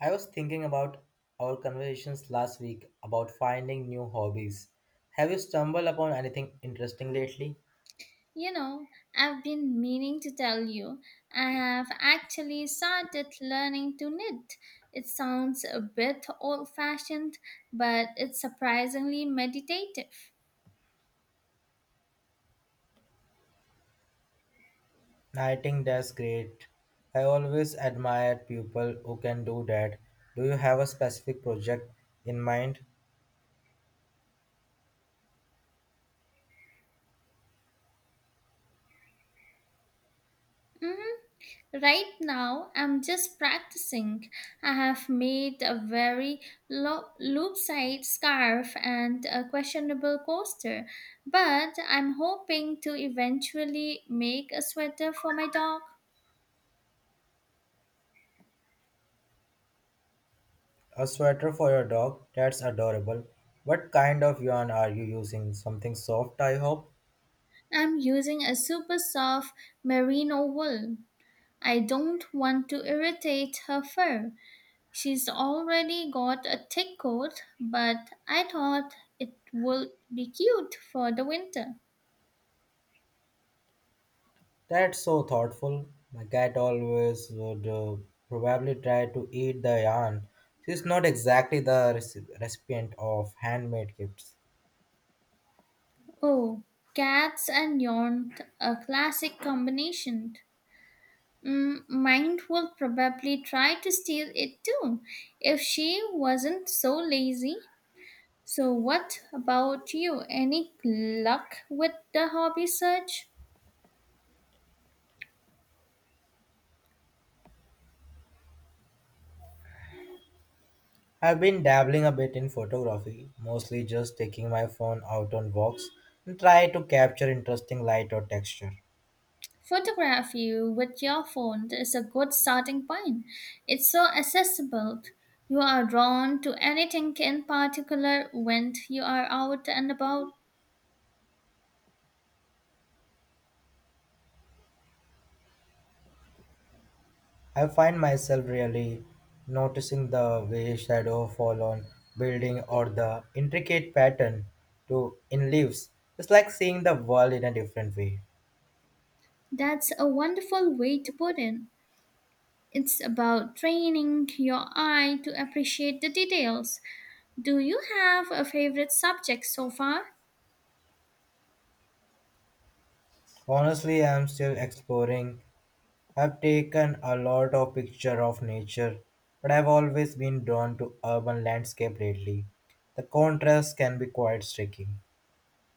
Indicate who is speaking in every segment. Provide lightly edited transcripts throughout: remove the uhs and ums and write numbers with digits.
Speaker 1: I was thinking about our conversations last week about finding new hobbies. Have you stumbled upon anything interesting lately?
Speaker 2: You know, I've been meaning to tell you, I have actually started learning to knit. It sounds a bit old fashioned, but it's surprisingly meditative.
Speaker 1: I think that's great. I always admire people who can do that. Do you have a specific project in mind?
Speaker 2: Mhm. Right now, I'm just practicing. I have made a very loop side scarf and a questionable coaster, but I'm hoping to eventually make a sweater for my dog.
Speaker 1: A sweater for your dog? That's adorable. What kind of yarn are you using? Something soft, I hope?
Speaker 2: I'm using a super soft merino wool. I don't want to irritate her fur. She's already got a thick coat, but I thought it would be cute for the winter.
Speaker 1: That's so thoughtful. My cat always would probably try to eat the yarn. She's not exactly the recipient of handmade gifts.
Speaker 2: Oh, cats and yarn, a classic combination. Mm, mine will probably try to steal it too if she wasn't so lazy. So, what about you? Any luck with the hobby search?
Speaker 1: I've been dabbling a bit in photography, mostly just taking my phone out on walks and try to capture interesting light or texture.
Speaker 2: Photograph you with your phone is a good starting point. It's so accessible. You are drawn to anything in particular when you are out and about.
Speaker 1: I find myself really noticing the way shadow fall on building or the intricate pattern to in leaves. It's like seeing the world in a different way.
Speaker 2: That's a wonderful way to put it. It's about training your eye to appreciate the details. Do you have a favorite subject so far?
Speaker 1: Honestly, I'm still exploring. I've taken a lot of picture of nature, but I've always been drawn to urban landscape lately. The contrast can be quite striking.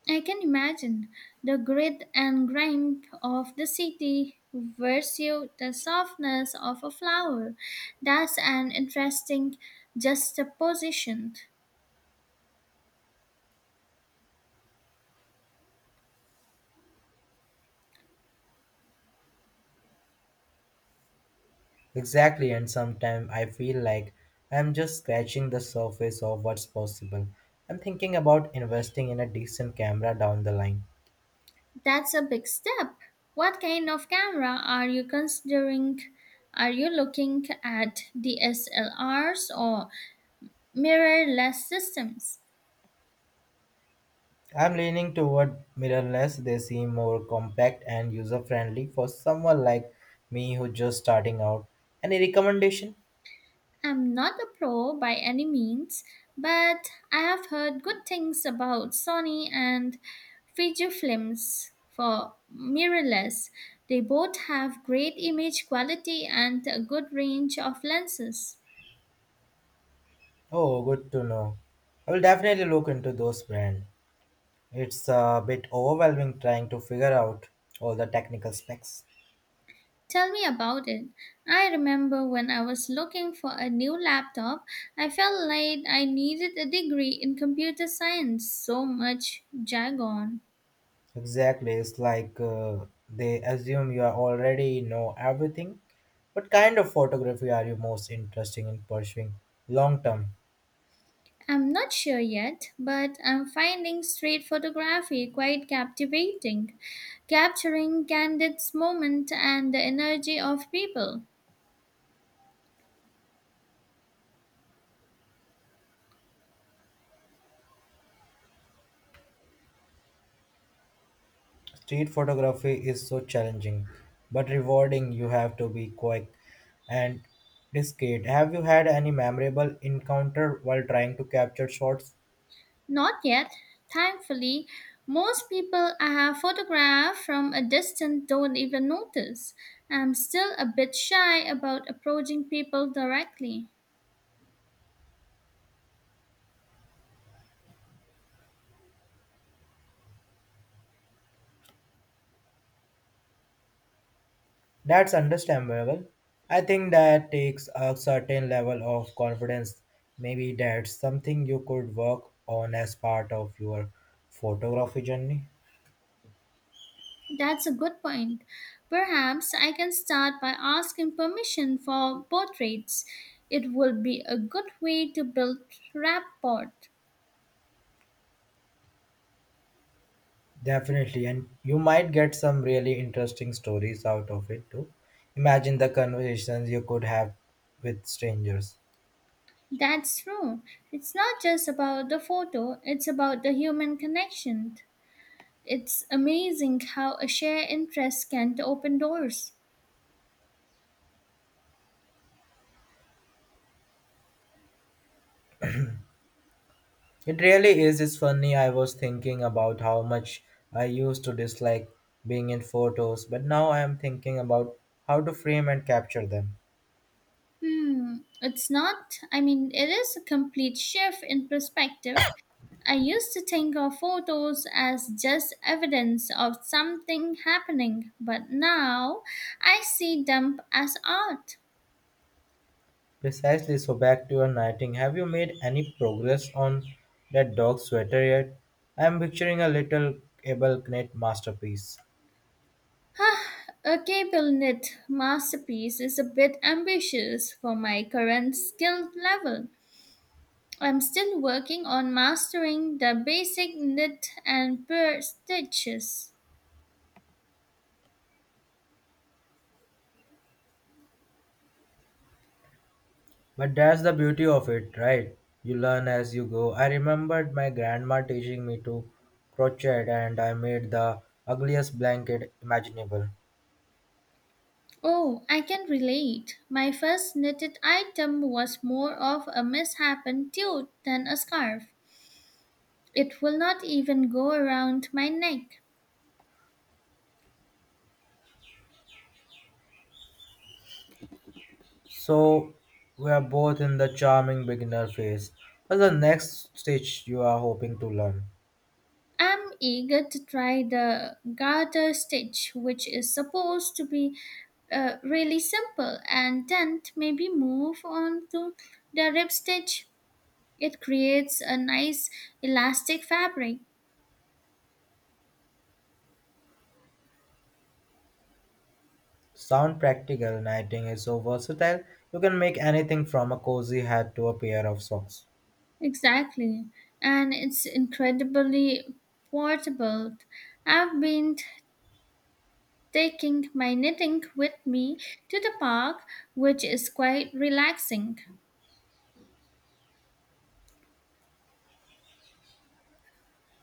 Speaker 2: I can imagine the grit and grime of the city versus the softness of a flower. That's an interesting juxtaposition.
Speaker 1: Exactly, and sometimes I feel like I'm just scratching the surface of what's possible. I'm thinking about investing in a decent camera down the line.
Speaker 2: That's a big step. What kind of camera are you considering? Are you looking at DSLRs or mirrorless systems?
Speaker 1: I'm leaning toward mirrorless. They seem more compact and user friendly for someone like me who's just starting out. Any recommendation?
Speaker 2: I'm not a pro by any means, but I have heard good things about Sony and Fujifilms for mirrorless. They both have great image quality and a good range of lenses.
Speaker 1: Oh, good to know. I will definitely look into those brands. It's a bit overwhelming trying to figure out all the technical specs.
Speaker 2: Tell me about it. I remember when I was looking for a new laptop, I felt like I needed a degree in computer science, so much jargon.
Speaker 1: Exactly, it's like they assume you are already know everything. What kind of photography are you most interested in pursuing long term?
Speaker 2: I'm not sure yet, but I'm finding street photography quite captivating, capturing candid moments and the energy of people.
Speaker 1: Street photography is so challenging but rewarding. You have to be quick and discreet. Have you had any memorable encounter while trying to capture shots?
Speaker 2: Not yet, thankfully, most people I have photographed from a distance don't even notice. I'm still a bit shy about approaching people directly.
Speaker 1: That's understandable. I think that takes a certain level of confidence. Maybe that's something you could work on as part of your photography journey.
Speaker 2: That's a good point. Perhaps I can start by asking permission for portraits. It would be a good way to build rapport.
Speaker 1: Definitely, and you might get some really interesting stories out of it too. Imagine the conversations you could have with strangers.
Speaker 2: That's true. It's not just about the photo, it's about the human connection. It's amazing how a shared interest can open doors.
Speaker 1: It really is. It's funny. I was thinking about how much I used to dislike being in photos, but now I am thinking about how to frame and capture them.
Speaker 2: Hmm, it's not, I mean, it is a complete shift in perspective. I used to think of photos as just evidence of something happening, but now I see them as art.
Speaker 1: Precisely. So back to your knitting. Have you made any progress on that dog sweater yet? I am picturing a little able knit masterpiece.
Speaker 2: A cable knit masterpiece is a bit ambitious for my current skill level. I'm still working on mastering the basic knit and purl stitches.
Speaker 1: But that's the beauty of it, right? You learn as you go. I remembered my grandma teaching me to crochet and I made the ugliest blanket imaginable.
Speaker 2: Oh, I can relate. My first knitted item was more of a misshapen tulle than a scarf. It will not even go around my neck.
Speaker 1: So we are both in the charming beginner phase. What's the next stitch you are hoping to learn?
Speaker 2: I'm eager to try the garter stitch, which is supposed to be really simple, and then maybe move on to the rib stitch. It creates a nice elastic fabric.
Speaker 1: Sound practical knitting is so versatile. You can make anything from a cozy hat to a pair of socks.
Speaker 2: Exactly, and it's incredibly portable. I've been taking my knitting with me to the park, which is quite relaxing.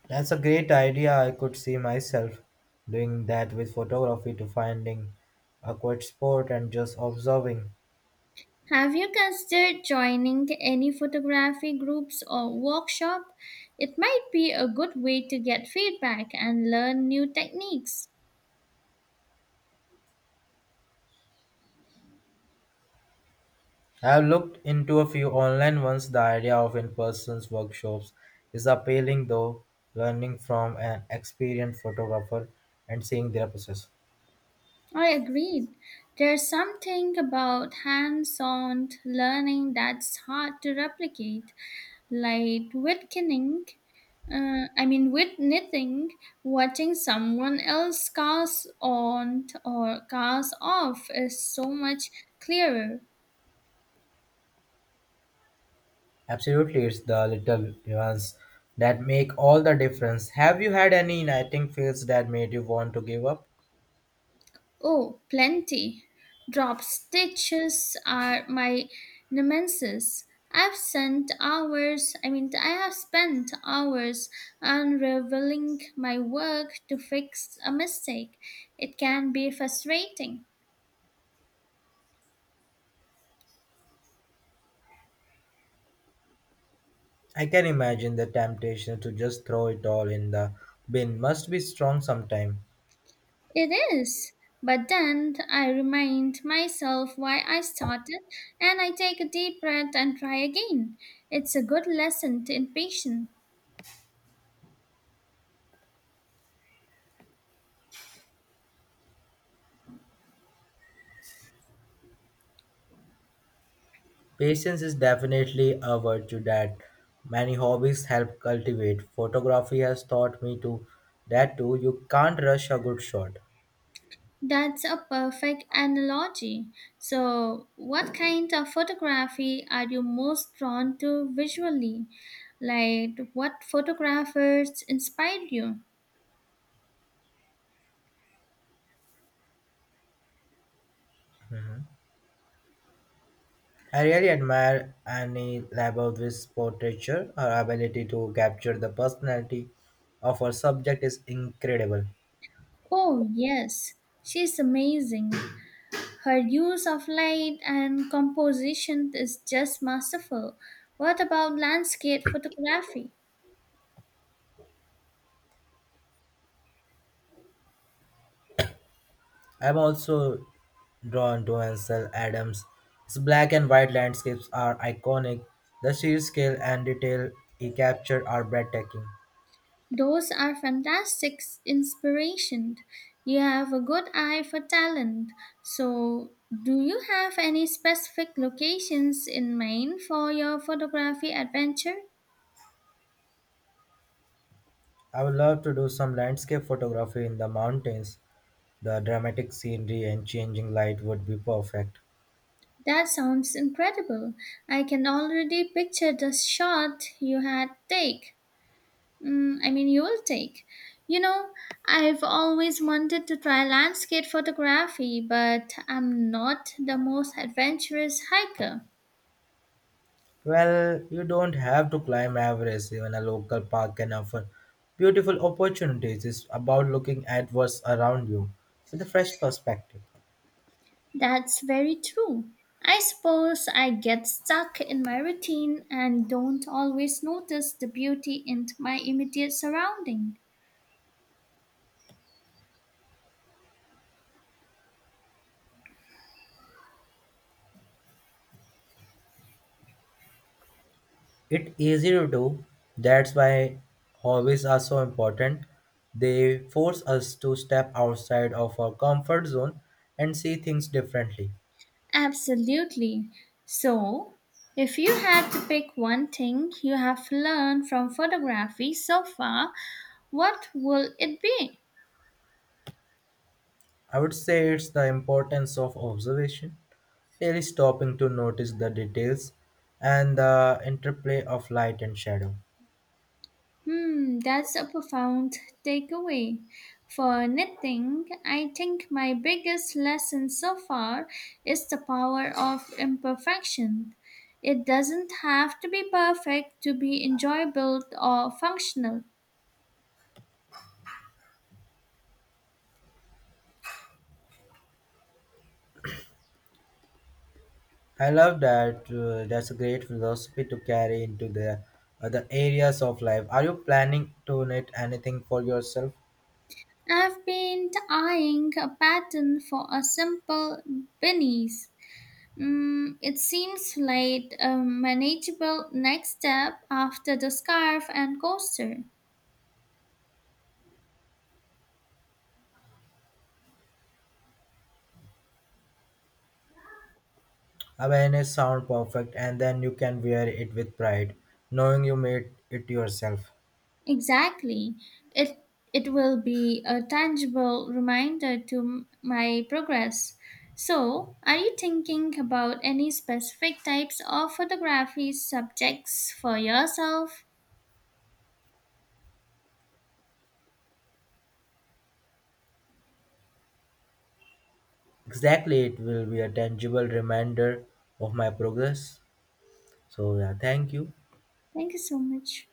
Speaker 1: That's a great idea. I could see myself doing that with photography to finding a quiet spot and just observing.
Speaker 2: Have you considered joining any photography groups or workshop? It might be a good way to get feedback and learn new techniques.
Speaker 1: I have looked into a few online ones. The idea of in-person workshops is appealing though, learning from an experienced photographer and seeing their process.
Speaker 2: I agreed. There's something about hands-on learning that's hard to replicate, like with knitting. With knitting, watching someone else cast on or cast off is so much clearer.
Speaker 1: Absolutely, it's the little ones that make all the difference. Have you had any nagging feels that made you want to give up?
Speaker 2: Oh, plenty. Drop stitches are my nemesis. I have spent hours unraveling my work to fix a mistake. It can be frustrating.
Speaker 1: I can imagine the temptation to just throw it all in the bin must be strong sometime.
Speaker 2: It is. But then I remind myself why I started and I take a deep breath and try again. It's a good lesson in patience.
Speaker 1: Patience is definitely a virtue that many hobbies help cultivate. Photography has taught me to that too. You can't rush a good shot.
Speaker 2: That's a perfect analogy. So, what kind of photography are you most drawn to visually? Like, what photographers inspired you?
Speaker 1: I really admire Annie Leiboviz's portraiture. Her ability to capture the personality of her subject is incredible.
Speaker 2: Oh, yes, she's amazing. Her use of light and composition is just masterful. What about landscape photography?
Speaker 1: I'm also drawn to Ansel Adams. His black and white landscapes are iconic. The sheer scale and detail he captured are breathtaking.
Speaker 2: Those are fantastic inspiration. You have a good eye for talent. So, do you have any specific locations in mind for your photography adventure?
Speaker 1: I would love to do some landscape photography in the mountains. The dramatic scenery and changing light would be perfect.
Speaker 2: That sounds incredible. I can already picture the shot you had take. You will take. You know, I've always wanted to try landscape photography, but I'm not the most adventurous hiker.
Speaker 1: Well, you don't have to climb Everest. Even a local park can offer beautiful opportunities. It's about looking at what's around you with a fresh perspective.
Speaker 2: That's very true. I suppose I get stuck in my routine and don't always notice the beauty in my immediate surrounding.
Speaker 1: It's easy to do. That's why hobbies are so important. They force us to step outside of our comfort zone and see things differently.
Speaker 2: Absolutely. So, if you had to pick one thing you have learned from photography so far, what will it be?
Speaker 1: I would say it's the importance of observation, really stopping to notice the details and the interplay of light and shadow.
Speaker 2: Hmm, that's a profound takeaway. For knitting, I think my biggest lesson so far is the power of imperfection. It doesn't have to be perfect to be enjoyable or functional.
Speaker 1: I love that. That's a great philosophy to carry into the other areas of life. Are you planning to knit anything for yourself?
Speaker 2: I've been eyeing a pattern for a simple beanies. Mm, it seems like a manageable next step after the scarf and coaster.
Speaker 1: Awareness sound perfect, and then you can wear it with pride, knowing you made it yourself.
Speaker 2: Exactly. It it will be a tangible reminder to my progress. So, are you thinking about any specific types of photography subjects for yourself?
Speaker 1: Exactly, it will be a tangible reminder of my progress. So yeah, thank you.
Speaker 2: Thank you so much.